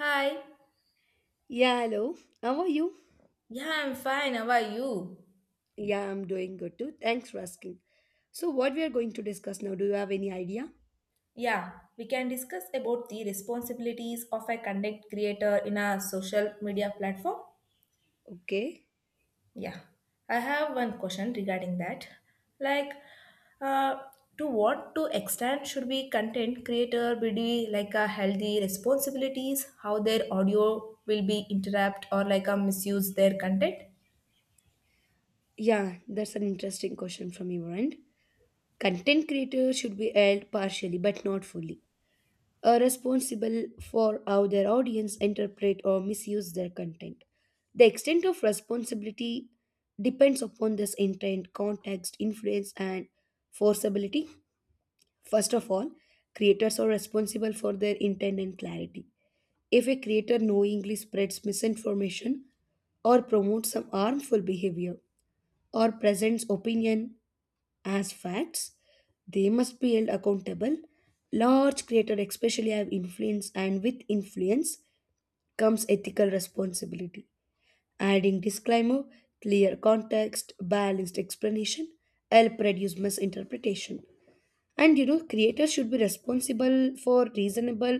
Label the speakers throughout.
Speaker 1: Hi.
Speaker 2: Yeah, hello. How are you?
Speaker 1: Yeah, I'm fine. How are you?
Speaker 2: Yeah, I'm doing good too. Thanks for asking. So, what we are going to discuss now, do you have any idea?
Speaker 1: Yeah, we can discuss about the responsibilities of a content creator in a social media platform.
Speaker 2: Okay.
Speaker 1: Yeah, I have one question regarding that. Like, uh, to what to extent should be content creator be doing like a healthy responsibilities? How their audio will be interrupt or like a misuse their content?
Speaker 2: Yeah, that's an interesting question from your end. Content creators should be held partially but not fully responsible for how their audience interpret or misuse their content. The extent of responsibility depends upon this intent, context, influence, and forceability. First of all, creators are responsible for their intent and clarity. If a creator knowingly spreads misinformation or promotes some harmful behavior or presents opinion as facts, they must be held accountable. Large creators especially have influence and with influence comes ethical responsibility. Adding disclaimer, clear context, balanced explanation help reduce misinterpretation. Creators should be responsible for reasonable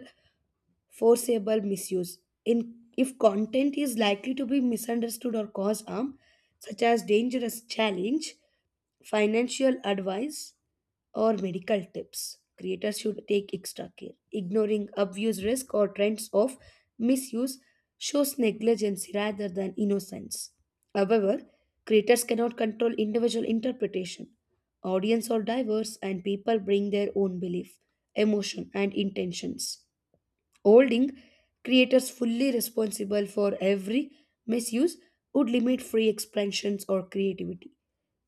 Speaker 2: forcible misuse. In if content is likely to be misunderstood or cause harm, such as dangerous challenge, financial advice, or medical tips. Creators should take extra care. Ignoring obvious risk or trends of misuse shows negligence rather than innocence. However, creators cannot control individual interpretation. Audience are diverse and people bring their own belief, emotion, and intentions holding creators fully responsible for every misuse would limit free expressions or creativity.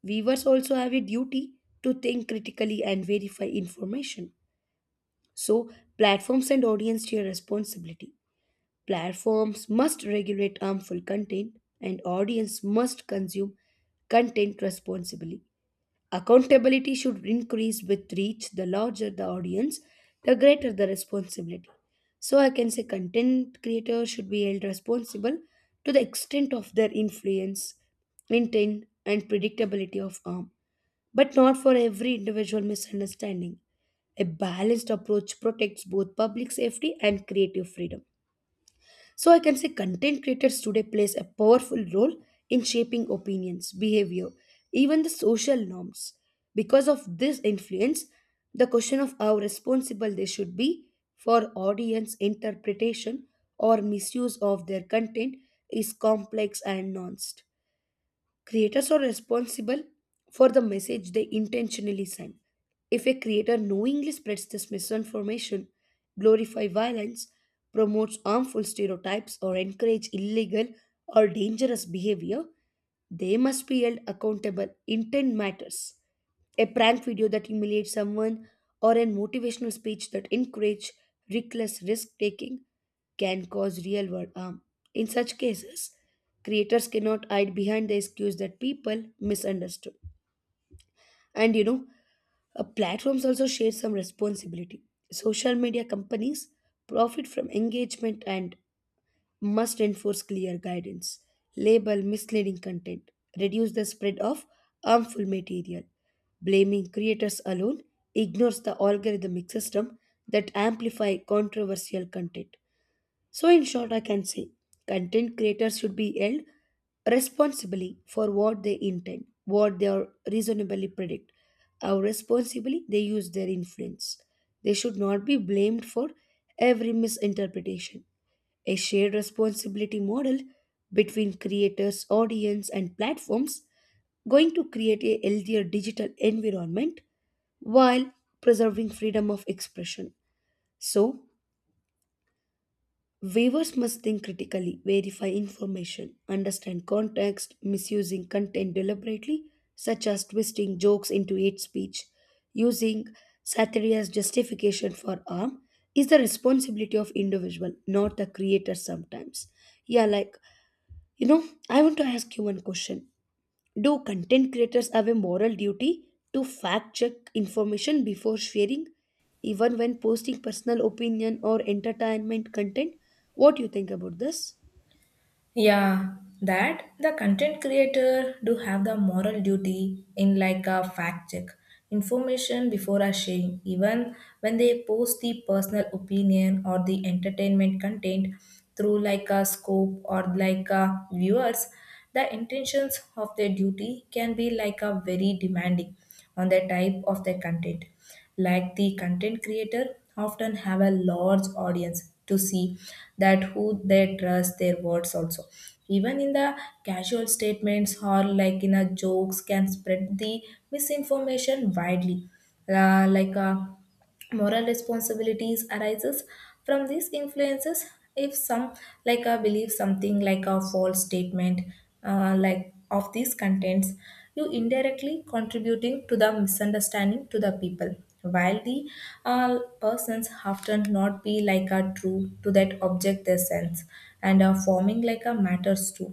Speaker 2: Viewers also have a duty to think critically and verify information. So, platforms and audience share responsibility. Platforms must regulate harmful content, and audience must consume content responsibly. Accountability should increase with reach. The larger the audience, the greater the responsibility. So I can say content creators should be held responsible to the extent of their influence, intent, and predictability of harm, but not for every individual misunderstanding. A balanced approach protects both public safety and creative freedom. So I can say content creators today plays a powerful role in shaping opinions, behavior, even the social norms. Because of this influence, the question of how responsible they should be for audience interpretation or misuse of their content is complex and nuanced. Creators are responsible for the message they intentionally send. If a creator knowingly spreads this misinformation, glorifies violence, promotes harmful stereotypes, or encourages illegal or dangerous behavior, they must be held accountable. Intent matters. A prank video that humiliates someone or a motivational speech that encourages reckless risk taking can cause real world harm. In such cases, creators cannot hide behind the excuse that people misunderstood. And you know, Platforms also share some responsibility. Social media companies profit from engagement and must enforce clear guidance, label misleading content, reduce the spread of harmful material. Blaming creators alone ignores the algorithmic system that amplify controversial content. So in short I can say content creators should be held responsibly for what they intend, what they are reasonably predict, how responsibly they use their influence. They should not be blamed for every misinterpretation. A shared responsibility model between creators, audience, and platforms going to create a healthier digital environment while preserving freedom of expression. So, viewers must think critically, verify information, understand context, misusing content deliberately, such as twisting jokes into hate speech, using satire as justification for harm, is the responsibility of individual, not the creator sometimes. Yeah, you know, I want to ask you one question. Do content creators have a moral duty to fact check information before sharing, even when posting personal opinion or entertainment content? What do you think about this?
Speaker 1: Yeah, that the content creator do have the moral duty in like a fact check information before a sharing even when they post the personal opinion or the entertainment content through like a scope or like a viewers, the intentions of their duty can be like a very demanding on the type of their content, like the content creator often have a large audience to see that who they trust their words also, even in the casual statements or like in a jokes can spread the misinformation widely. Uh, like uh, Moral responsibilities arises from these influences if some like a believe something like a false statement, like of these contents, you indirectly contributing to the misunderstanding to the people while the uh, persons often not be like a true to that object their sense and are forming like a matters too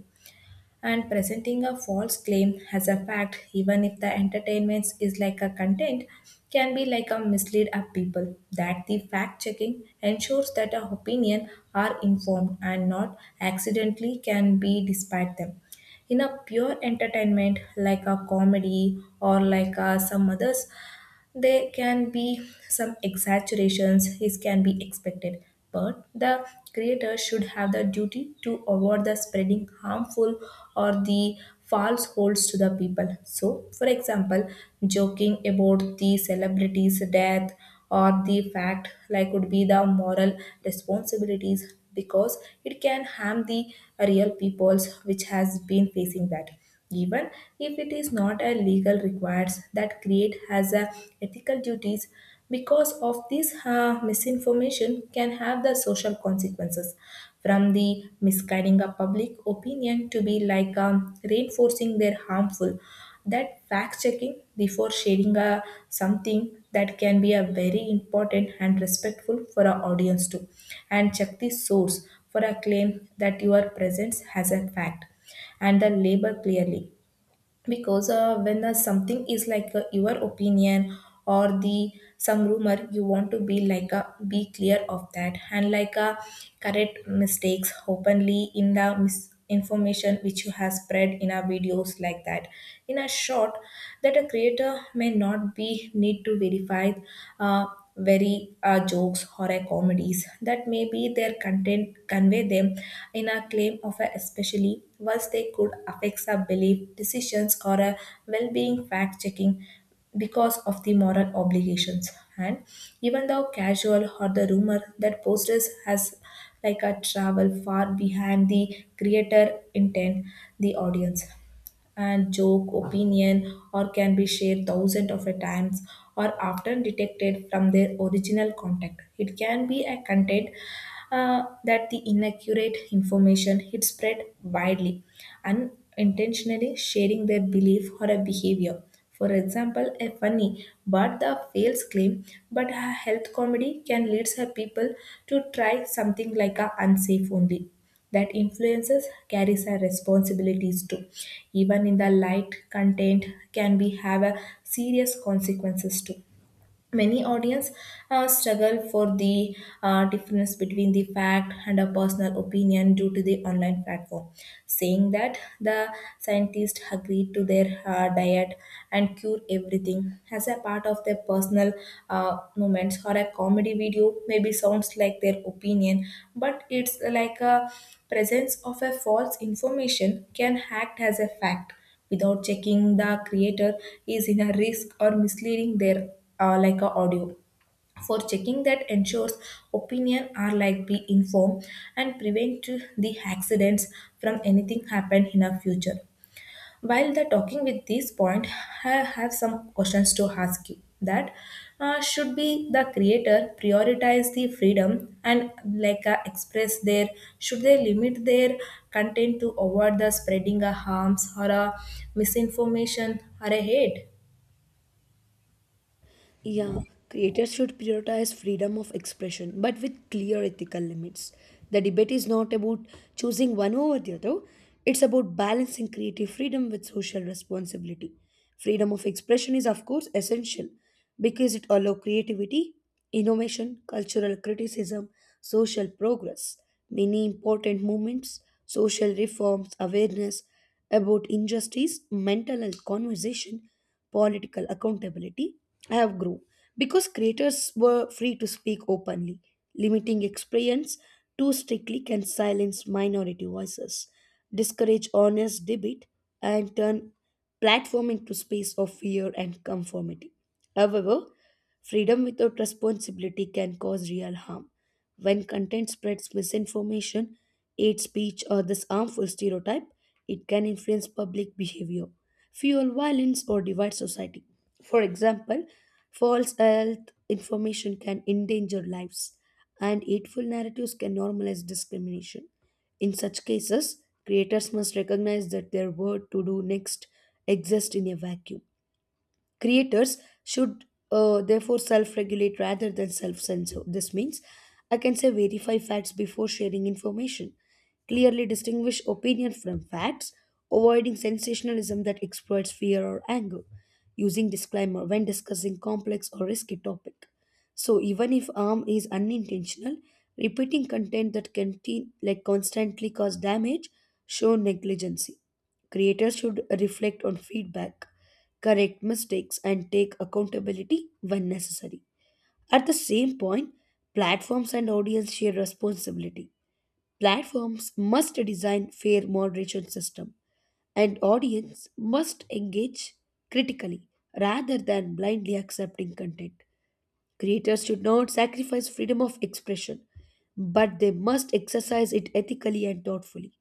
Speaker 1: and presenting a false claim as a fact even if the entertainment is like a content can be like a mislead of people, that the fact checking ensures that our opinion are informed and not accidentally can be despite them. In a pure entertainment like a comedy or like some others, there can be some exaggerations, this can be expected, but the creator should have the duty to avoid the spreading harmful or the false holds to the people. So, for example, joking about the celebrity's death or the fact like would be the moral responsibilities because it can harm the real peoples which has been facing that. Even if it is not a legal requires that create has a ethical duties, because of this misinformation can have the social consequences from the misguiding a public opinion to be like reinforcing their harmful, that fact checking before sharing a something that can be a very important and respectful for our audience too, and check the source for a claim that your presence has a fact and the label clearly because when something is like your opinion or the some rumor, you want to be like a be clear of that and like a correct mistakes openly in the misinformation which you have spread in our videos like that. In a short, that a creator may not be need to verify very jokes horror comedies that maybe their content convey them in a claim of a, especially whilst they could affect our belief decisions or a well-being fact checking because of the moral obligations. And even though casual or the rumor that posters has like a travel far behind the creator intent, the audience and joke, opinion, or can be shared thousands of times or often detected from their original context. It can be a content that the inaccurate information is spread widely, unintentionally sharing their belief or a behavior. For example, a funny but the fails claim, but a health comedy can lead some people to try something like a unsafe only, that influences carries our responsibilities too, even in the light content can be have a serious consequences too. Many audience struggle for the difference between the fact and a personal opinion due to the online platform saying that the scientists agreed to their diet and cure everything as a part of their personal moments or a comedy video maybe sounds like their opinion, but it's like a presence of a false information can act as a fact without checking. The creator is in a risk or misleading their like a audio for checking that ensures opinion are like be informed and prevent the accidents from anything happen in a future. While they're talking with this point, I have some questions to ask you. That should be the creator prioritize the freedom and like express their, should they limit their content to avoid the spreading a harms or a misinformation or a hate?
Speaker 2: Yeah, creators should prioritize freedom of expression, but with clear ethical limits. The debate is not about choosing one over the other, it's about balancing creative freedom with social responsibility. Freedom of expression is, of course, essential because it allows creativity, innovation, cultural criticism, social progress. Many important movements, social reforms, awareness about injustice, mental health conversation political accountability have grown because creators were free to speak openly. Limiting experience too strictly can silence minority voices, discourage honest debate, and turn platform into space of fear and conformity. However, freedom without responsibility can cause real harm. When content spreads misinformation, hate speech, or this harmful stereotype, it can influence public behavior fuel violence, or divide society. For example, false health information can endanger lives, and hateful narratives can normalize discrimination. In such cases, creators must recognize that their word to do next exists in a vacuum creators should therefore self-regulate rather than self-censor this means I can say verify facts before sharing information clearly distinguish opinion from facts avoiding sensationalism that exploits fear or anger using disclaimer when discussing complex or risky topic so even if harm is unintentional repeating content that can like constantly cause damage show negligency. Creators should reflect on feedback, correct mistakes, and take accountability when necessary. At the same point, platforms and audience share responsibility. Platforms must design fair moderation system, and audience must engage critically rather than blindly accepting content. Creators should not sacrifice freedom of expression, but they must exercise it ethically and thoughtfully.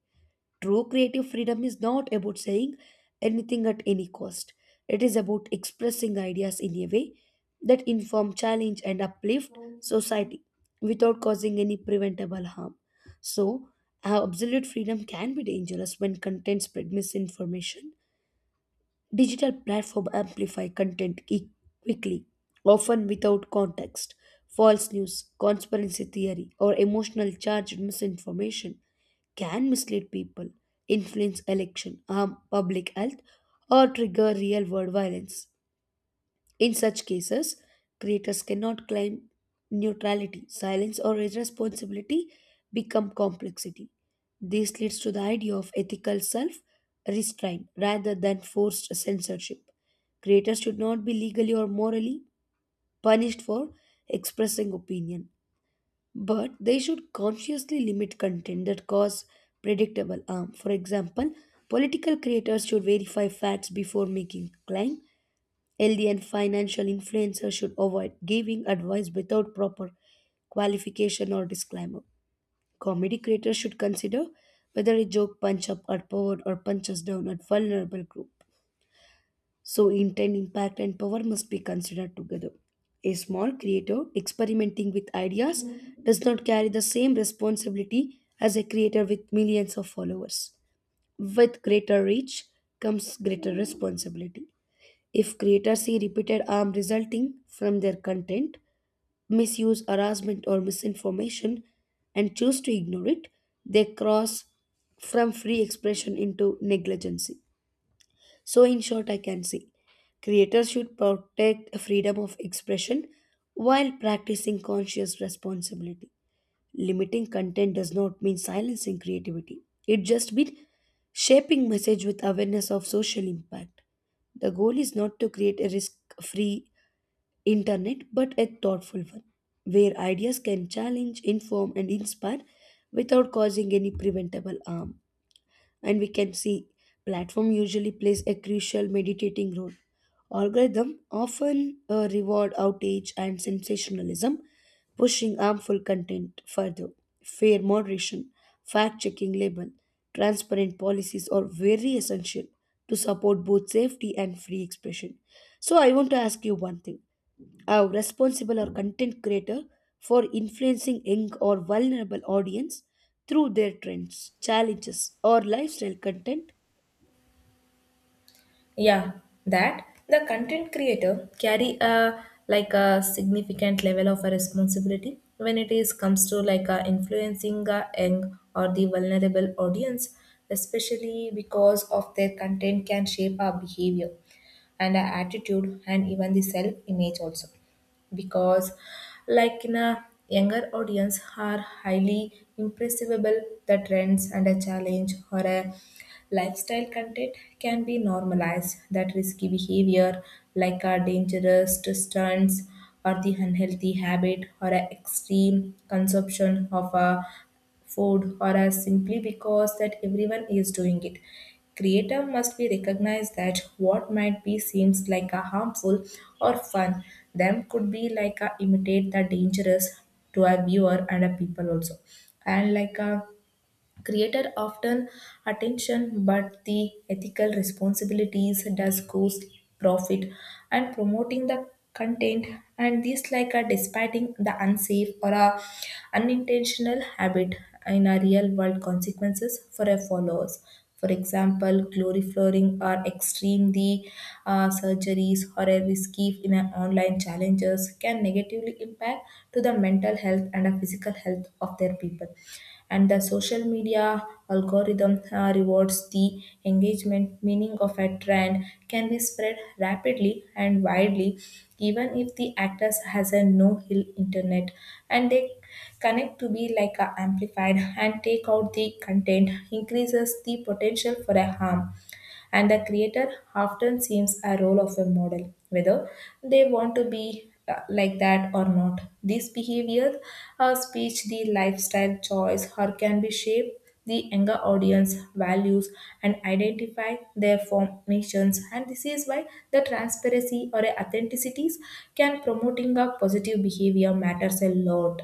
Speaker 2: True creative freedom is not about saying anything at any cost. It is about expressing ideas in a way that inform, challenge, and uplift society without causing any preventable harm. So, absolute freedom can be dangerous when content spread misinformation. Digital platforms amplify content quickly, often without context. False news, conspiracy theory, or emotional charged misinformation can mislead people, influence election, harm public health, or trigger real world violence. In such cases, creators cannot claim neutrality, silence, or irresponsibility become complexity. This leads to the idea of ethical self restraint rather than forced censorship. Creators should not be legally or morally punished for expressing opinion, but they should consciously limit content that cause predictable harm. For example, political creators should verify facts before making claim. Healthy and financial influencers should avoid giving advice without proper qualification or disclaimer. Comedy creators should consider whether a joke punch up or power or punches down at vulnerable group. So intent, impact, and power must be considered together. A small creator experimenting with ideas does not carry the same responsibility as a creator with millions of followers. With greater reach comes greater responsibility. If creators see repeated harm resulting from their content, misuse, harassment, or misinformation, and choose to ignore it, they cross from free expression into negligence. So, in short, I can say creators should protect freedom of expression while practicing conscious responsibility. Limiting content does not mean silencing creativity. It just means shaping message with awareness of social impact. The goal is not to create a risk-free internet but a thoughtful one where ideas can challenge, inform and inspire without causing any preventable harm and we can see platform usually plays a crucial meditating role algorithm often reward outrage and sensationalism pushing harmful content further fair moderation fact checking label transparent policies are very essential to support both safety and free expression so I want to ask you one thing are responsible or content creator for influencing young or vulnerable audience through their trends, challenges, or lifestyle content?
Speaker 1: Yeah, that the content creator carry a like a significant level of a responsibility when it is comes to like a influencing a young or the vulnerable audience, especially because of their content can shape our behavior and our attitude and even the self image also. Because like in a younger audience are highly impressible, the trends and a challenge or a lifestyle content can be normalized that risky behavior like our dangerous stunts or the unhealthy habit or a extreme consumption of a food or as simply because that everyone is doing it. Creator must be recognized that what might be seems like a harmful or fun, them could be like a imitate the dangerous to a viewer and a people also. And like a creator often attention, but the ethical responsibilities does cost profit and promoting the content and this like a despite the unsafe or a unintentional habit in a real world consequences for a followers. For example, glorifying or extreme the surgeries or a risky in an online challenges can negatively impact to the mental health and a physical health of their people. And the social media algorithm rewards the engagement, meaning of a trend can be spread rapidly and widely, even if the actors has a no hill internet, and they connect to be like a amplified and take out the content increases the potential for a harm. And the creator often seems a role of a model whether they want to be like that or not, this behavior or speech, the lifestyle choice or can be shaped the younger audience values and identify their formations, and this is why the transparency or authenticities can promoting a positive behavior matters a lot.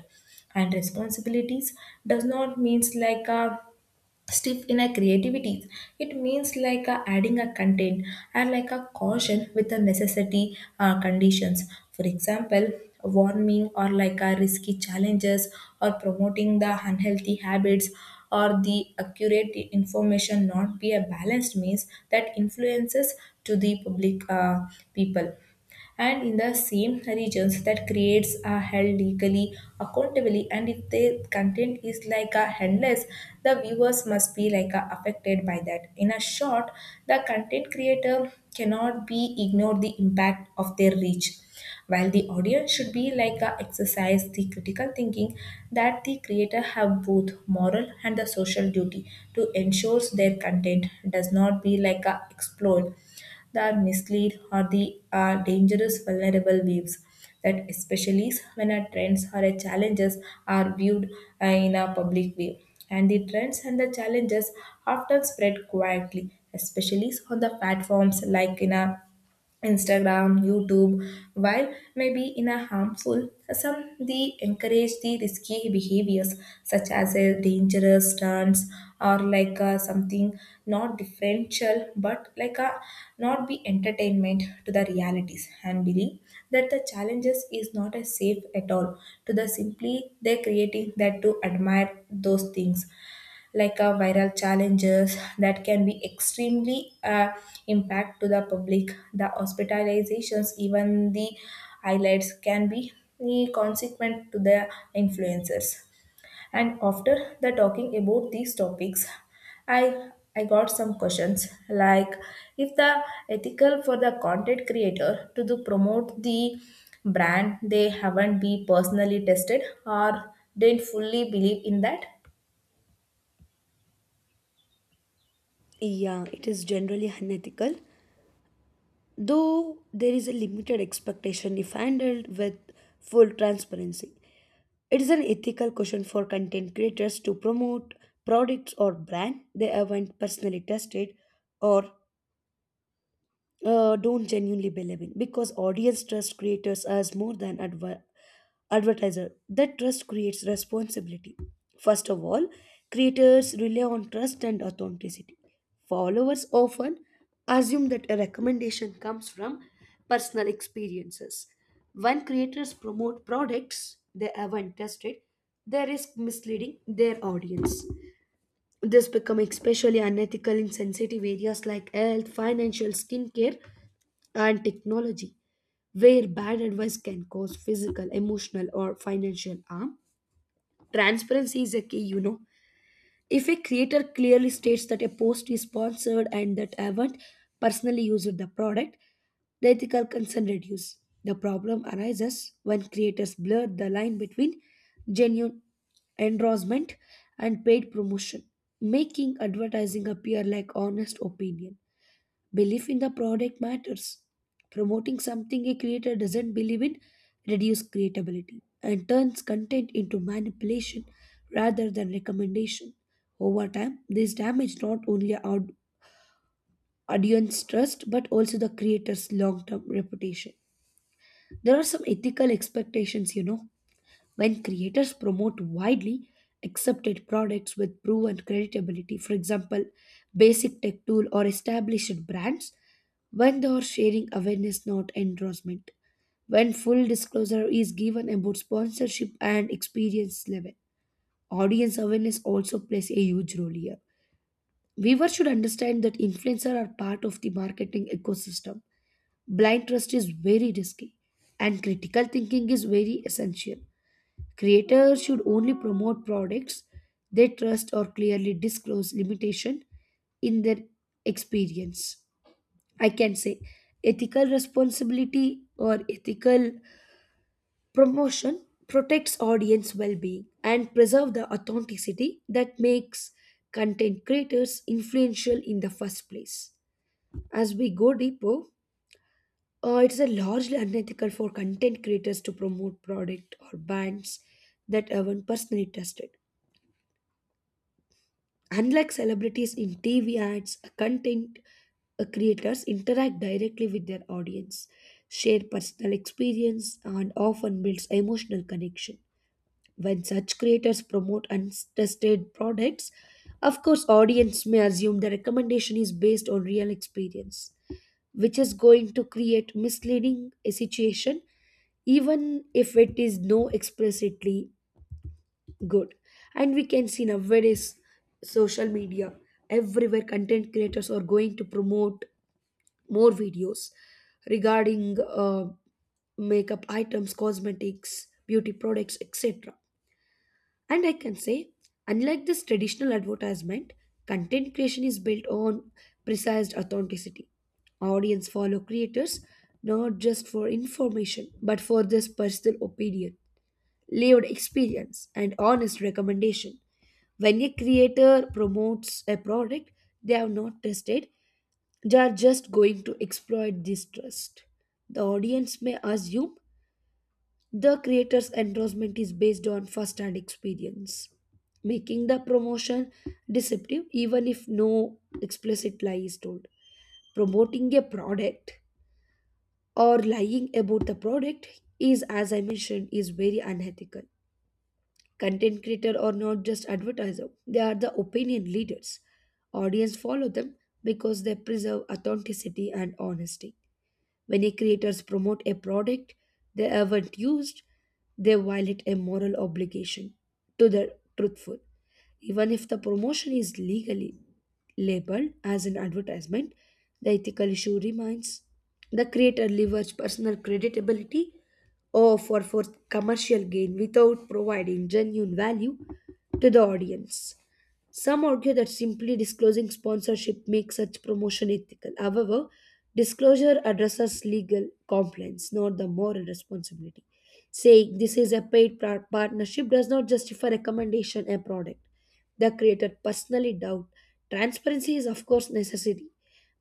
Speaker 1: And responsibilities does not means like a stiff in a creativity, it means like a adding a content and like a caution with the necessity conditions. For example, warming or like a risky challenges or promoting the unhealthy habits or the accurate information not be a balanced means that influences to the public people, and in the same regions that creates are held legally accountably, and if the content is like a endless, the viewers must be like a affected by that. In a short, the content creator cannot be ignored the impact of their reach while the audience should be like a exercise the critical thinking, that the creator have both moral and the social duty to ensure their content does not be like a exploit, that mislead or the are dangerous vulnerable waves, that especially when our trends or our challenges are viewed in a public way. And the trends and the challenges often spread quietly, especially on the platforms like in a Instagram, YouTube, while maybe in a harmful, some they encourage the risky behaviors such as a dangerous stunts or like something not differential, but like a not be entertainment to the realities and believe that the challenges is not as safe at all, to the simply they creating that to admire those things like a viral challenges that can be extremely impact to the public, the hospitalizations, even the highlights can be consequent to the influencers. And after the talking about these topics, i I got some questions, like if the ethical for the content creator to do promote the brand they haven't be personally tested or didn't fully believe in that.
Speaker 2: Yeah, it is generally unethical, though there is a limited expectation if handled with full transparency. It is an ethical question for content creators to promote products or brand they haven't personally tested or don't genuinely believe in because audience trust creators as more than advice advertiser. That trust creates responsibility. First of all, creators rely on trust and authenticity. Followers often assume that a recommendation comes from personal experiences. When creators promote products they haven't tested, they risk misleading their audience. This become especially unethical in sensitive areas like health, financial, skincare, and technology, where bad advice can cause physical, emotional, or financial harm. Transparency is a key, you know. If a creator clearly states that a post is sponsored and that I haven't personally used the product, the ethical concern reduces. The problem arises when creators blur the line between genuine endorsement and paid promotion, making advertising appear like honest opinion. Belief in the product matters. Promoting something a creator doesn't believe in reduces creatability and turns content into manipulation rather than recommendation. Over time, this damage not only our audience trust but also the creator's long-term reputation. There are some ethical expectations, you know. When creators promote widely accepted products with proven creditability, for example, basic tech tool or established brands, when they are sharing awareness, not endorsement, when full disclosure is given about sponsorship and experience level. Audience awareness also plays a huge role here. Viewers should understand that influencers are part of the marketing ecosystem. Blind trust is very risky, and critical thinking is very essential. Creators should only promote products they trust or clearly disclose limitation in their experience. I can say ethical responsibility or ethical promotion protects audience well-being and preserve the authenticity that makes content creators influential in the first place. As we go deeper, it is a largely unethical for content creators to promote product or brands that aren't personally tested. Unlike celebrities in TV ads, content creators interact directly with their audience, share personal experience, and often builds emotional connection. When such creators promote untested products, of course, audience may assume the recommendation is based on real experience, which is going to create misleading a situation even if it is no explicitly Good. And we can see now various social media everywhere content creators are going to promote more videos regarding makeup items, cosmetics, beauty products, etc. And I can say, unlike this traditional advertisement, content creation is built on precise authenticity. Audience follow creators not just for information but for this personal opinion lived experience, and honest recommendation. When a creator promotes a product they have not tested, they are just going to exploit this trust. The audience may assume the creator's endorsement is based on first hand experience, making the promotion deceptive even if no explicit lie is told. Promoting a product or lying about the product is, as I mentioned, is very unethical. Content creator are not just advertiser; they are the opinion leaders. Audience follow them because they preserve authenticity and honesty. Many creators promote a product they haven't used, they violate a moral obligation to the truthful. Even if the promotion is legally labeled as an advertisement, the ethical issue remains. The creator leverages personal creditability or for commercial gain without providing genuine value to the audience. Some argue that simply disclosing sponsorship makes such promotion ethical. However, disclosure addresses legal compliance, not the moral responsibility. Saying this is a paid partnership does not justify recommendation a product. The creator personally doubt. Transparency is of course necessary,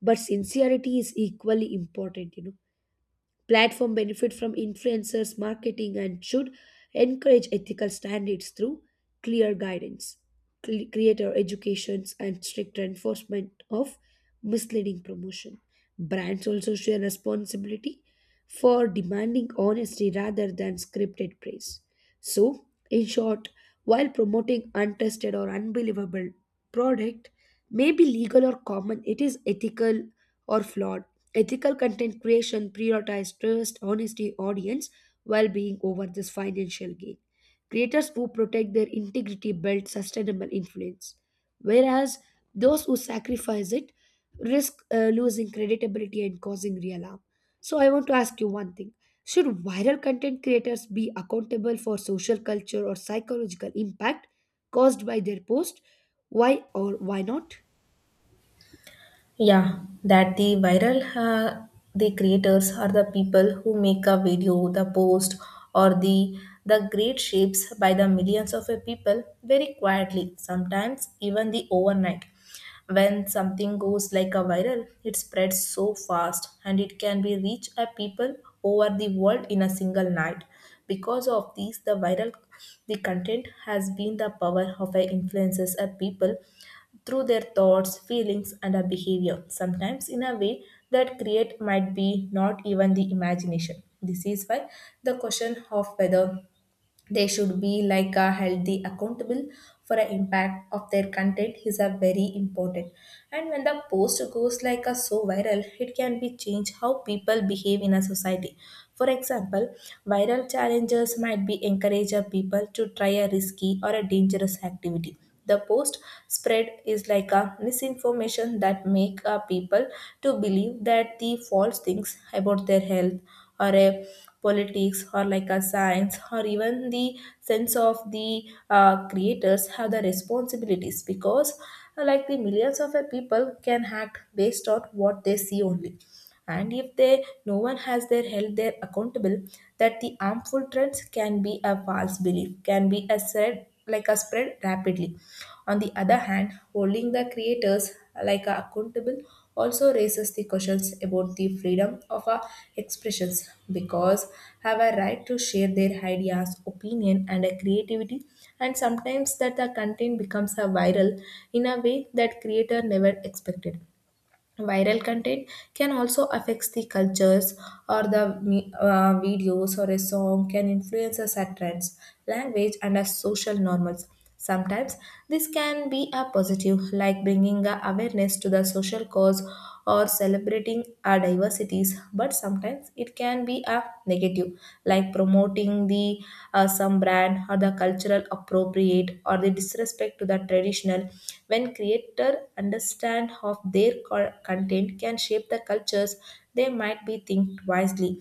Speaker 2: but sincerity is equally important, you know. Platform benefit from influencers marketing and should encourage ethical standards through clear guidance, creator educations and strict enforcement of misleading promotion. Brands also share responsibility for demanding honesty rather than scripted praise. So, in short, while promoting untested or unbelievable product may be legal or common, it is ethical or flawed. Ethical content creation prioritizes trust, honesty, audience, well-being over this financial gain. Creators who protect their integrity build sustainable influence, whereas those who sacrifice it risk losing credibility and causing real harm. So I want to ask you one thing should viral content creators be accountable for social culture or psychological impact caused by their post? Why or why not?
Speaker 1: Yeah, that the viral the creators are the people who make a video, the post, or the great shapes by the millions of a people very quietly, sometimes even the overnight. When something goes like a viral, it spreads so fast and it can be reach a people over the world in a single night. Because of these, the viral the content has been the power of a influences a people through their thoughts, feelings, and a behavior, sometimes in a way that create might be not even the imagination. This is why the question of whether they should be like a healthy accountable for an impact of their content is a very important, and when the post goes like a so viral, it can be change how people behave in a society. For example, viral challenges might be encourage a people to try a risky or a dangerous activity. The post spread is like a misinformation that make people to believe that the false things about their health or a politics or like a science or even the sense of the creators have the responsibilities because like the millions of people can act based on what they see only. And if they no one has their held there accountable, that the harmful trends can be a false belief can be a spread like a spread rapidly. On the other hand, holding the creators like a accountable also raises the questions about the freedom of our expressions, because have a right to share their ideas, opinion, and a creativity, and sometimes that the content becomes a viral in a way that creator never expected. Viral content can also affect the cultures or the videos or a song can influence us at trends, language, and as social normals. Sometimes this can be a positive, like bringing a awareness to the social cause or celebrating our diversities, but sometimes it can be a negative, like promoting the some brand or the cultural appropriate or the disrespect to the traditional. When creator understand of their content can shape the cultures, they might be think wisely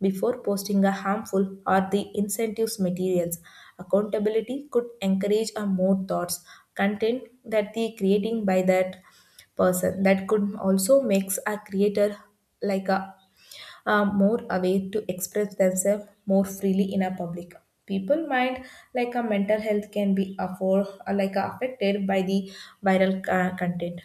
Speaker 1: before posting a harmful or the incentives materials. Accountability could encourage a more thoughts content that the creating by that person. That could also makes a creator like a, a more aware to express themselves more freely in a public. People mind like a mental health can be afford like affected by the viral content.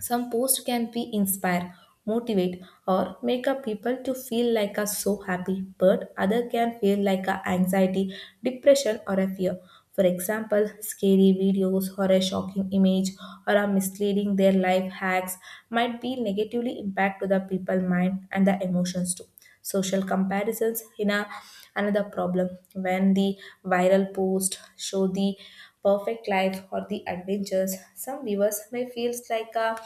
Speaker 1: Some posts can be inspire, motivate, or make a people to feel like a so happy, but other can feel like a anxiety, depression, or a fear. For example, scary videos or a shocking image or a misleading their life hacks might be negatively impact to the people mind and the emotions too. Social comparisons in a, another problem. When the viral post show the perfect life or the adventures, some viewers may feel like a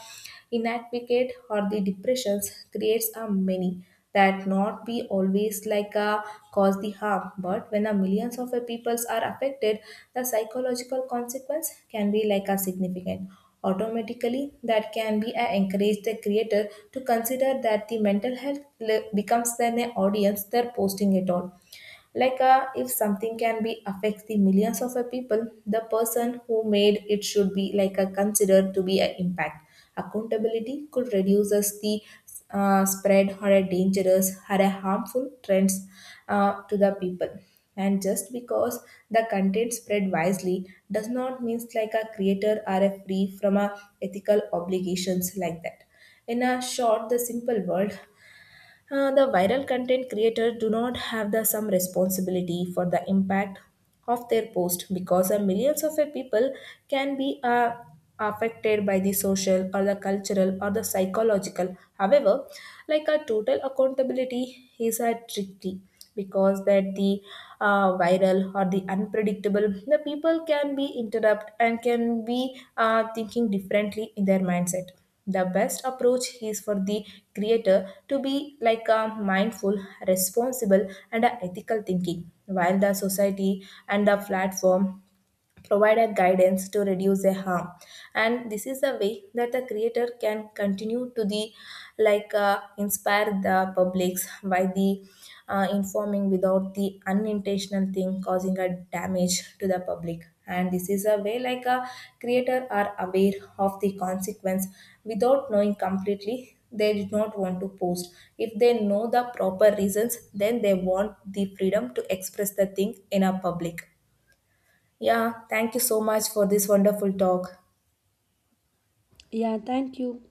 Speaker 1: inadequate or the depressions creates a many that not be always like a cause the harm. But when a millions of a peoples are affected, the psychological consequence can be like a significant. Automatically that can be a encourage the creator to consider that the mental health becomes then an audience they're posting it on. Like if something can be affect the millions of a people, the person who made it should be like a considered to be an impact. Accountability could reduce us the spread or a dangerous or a harmful trends to the people. And just because the content spread wisely does not mean like a creator are a free from a ethical obligations like that. In a short, the simple world, the viral content creators do not have the some responsibility for the impact of their post, because millions of people can be affected by the social or the cultural or the psychological. However, like a total accountability is a tricky, because that the viral or the unpredictable, the people can be interrupt and can be thinking differently in their mindset. The best approach is for the creator to be like a mindful, responsible, and a ethical thinking, while the society and the platform provide a guidance to reduce a harm. And this is the way that the creator can continue to the like inspire the publics by the informing without the unintentional thing causing a damage to the public. And this is a way like a creator are aware of the consequence without knowing completely they did not want to post. If they know the proper reasons, then they want the freedom to express the thing in a public. Yeah, thank you so much for this wonderful talk.
Speaker 2: Yeah, thank you.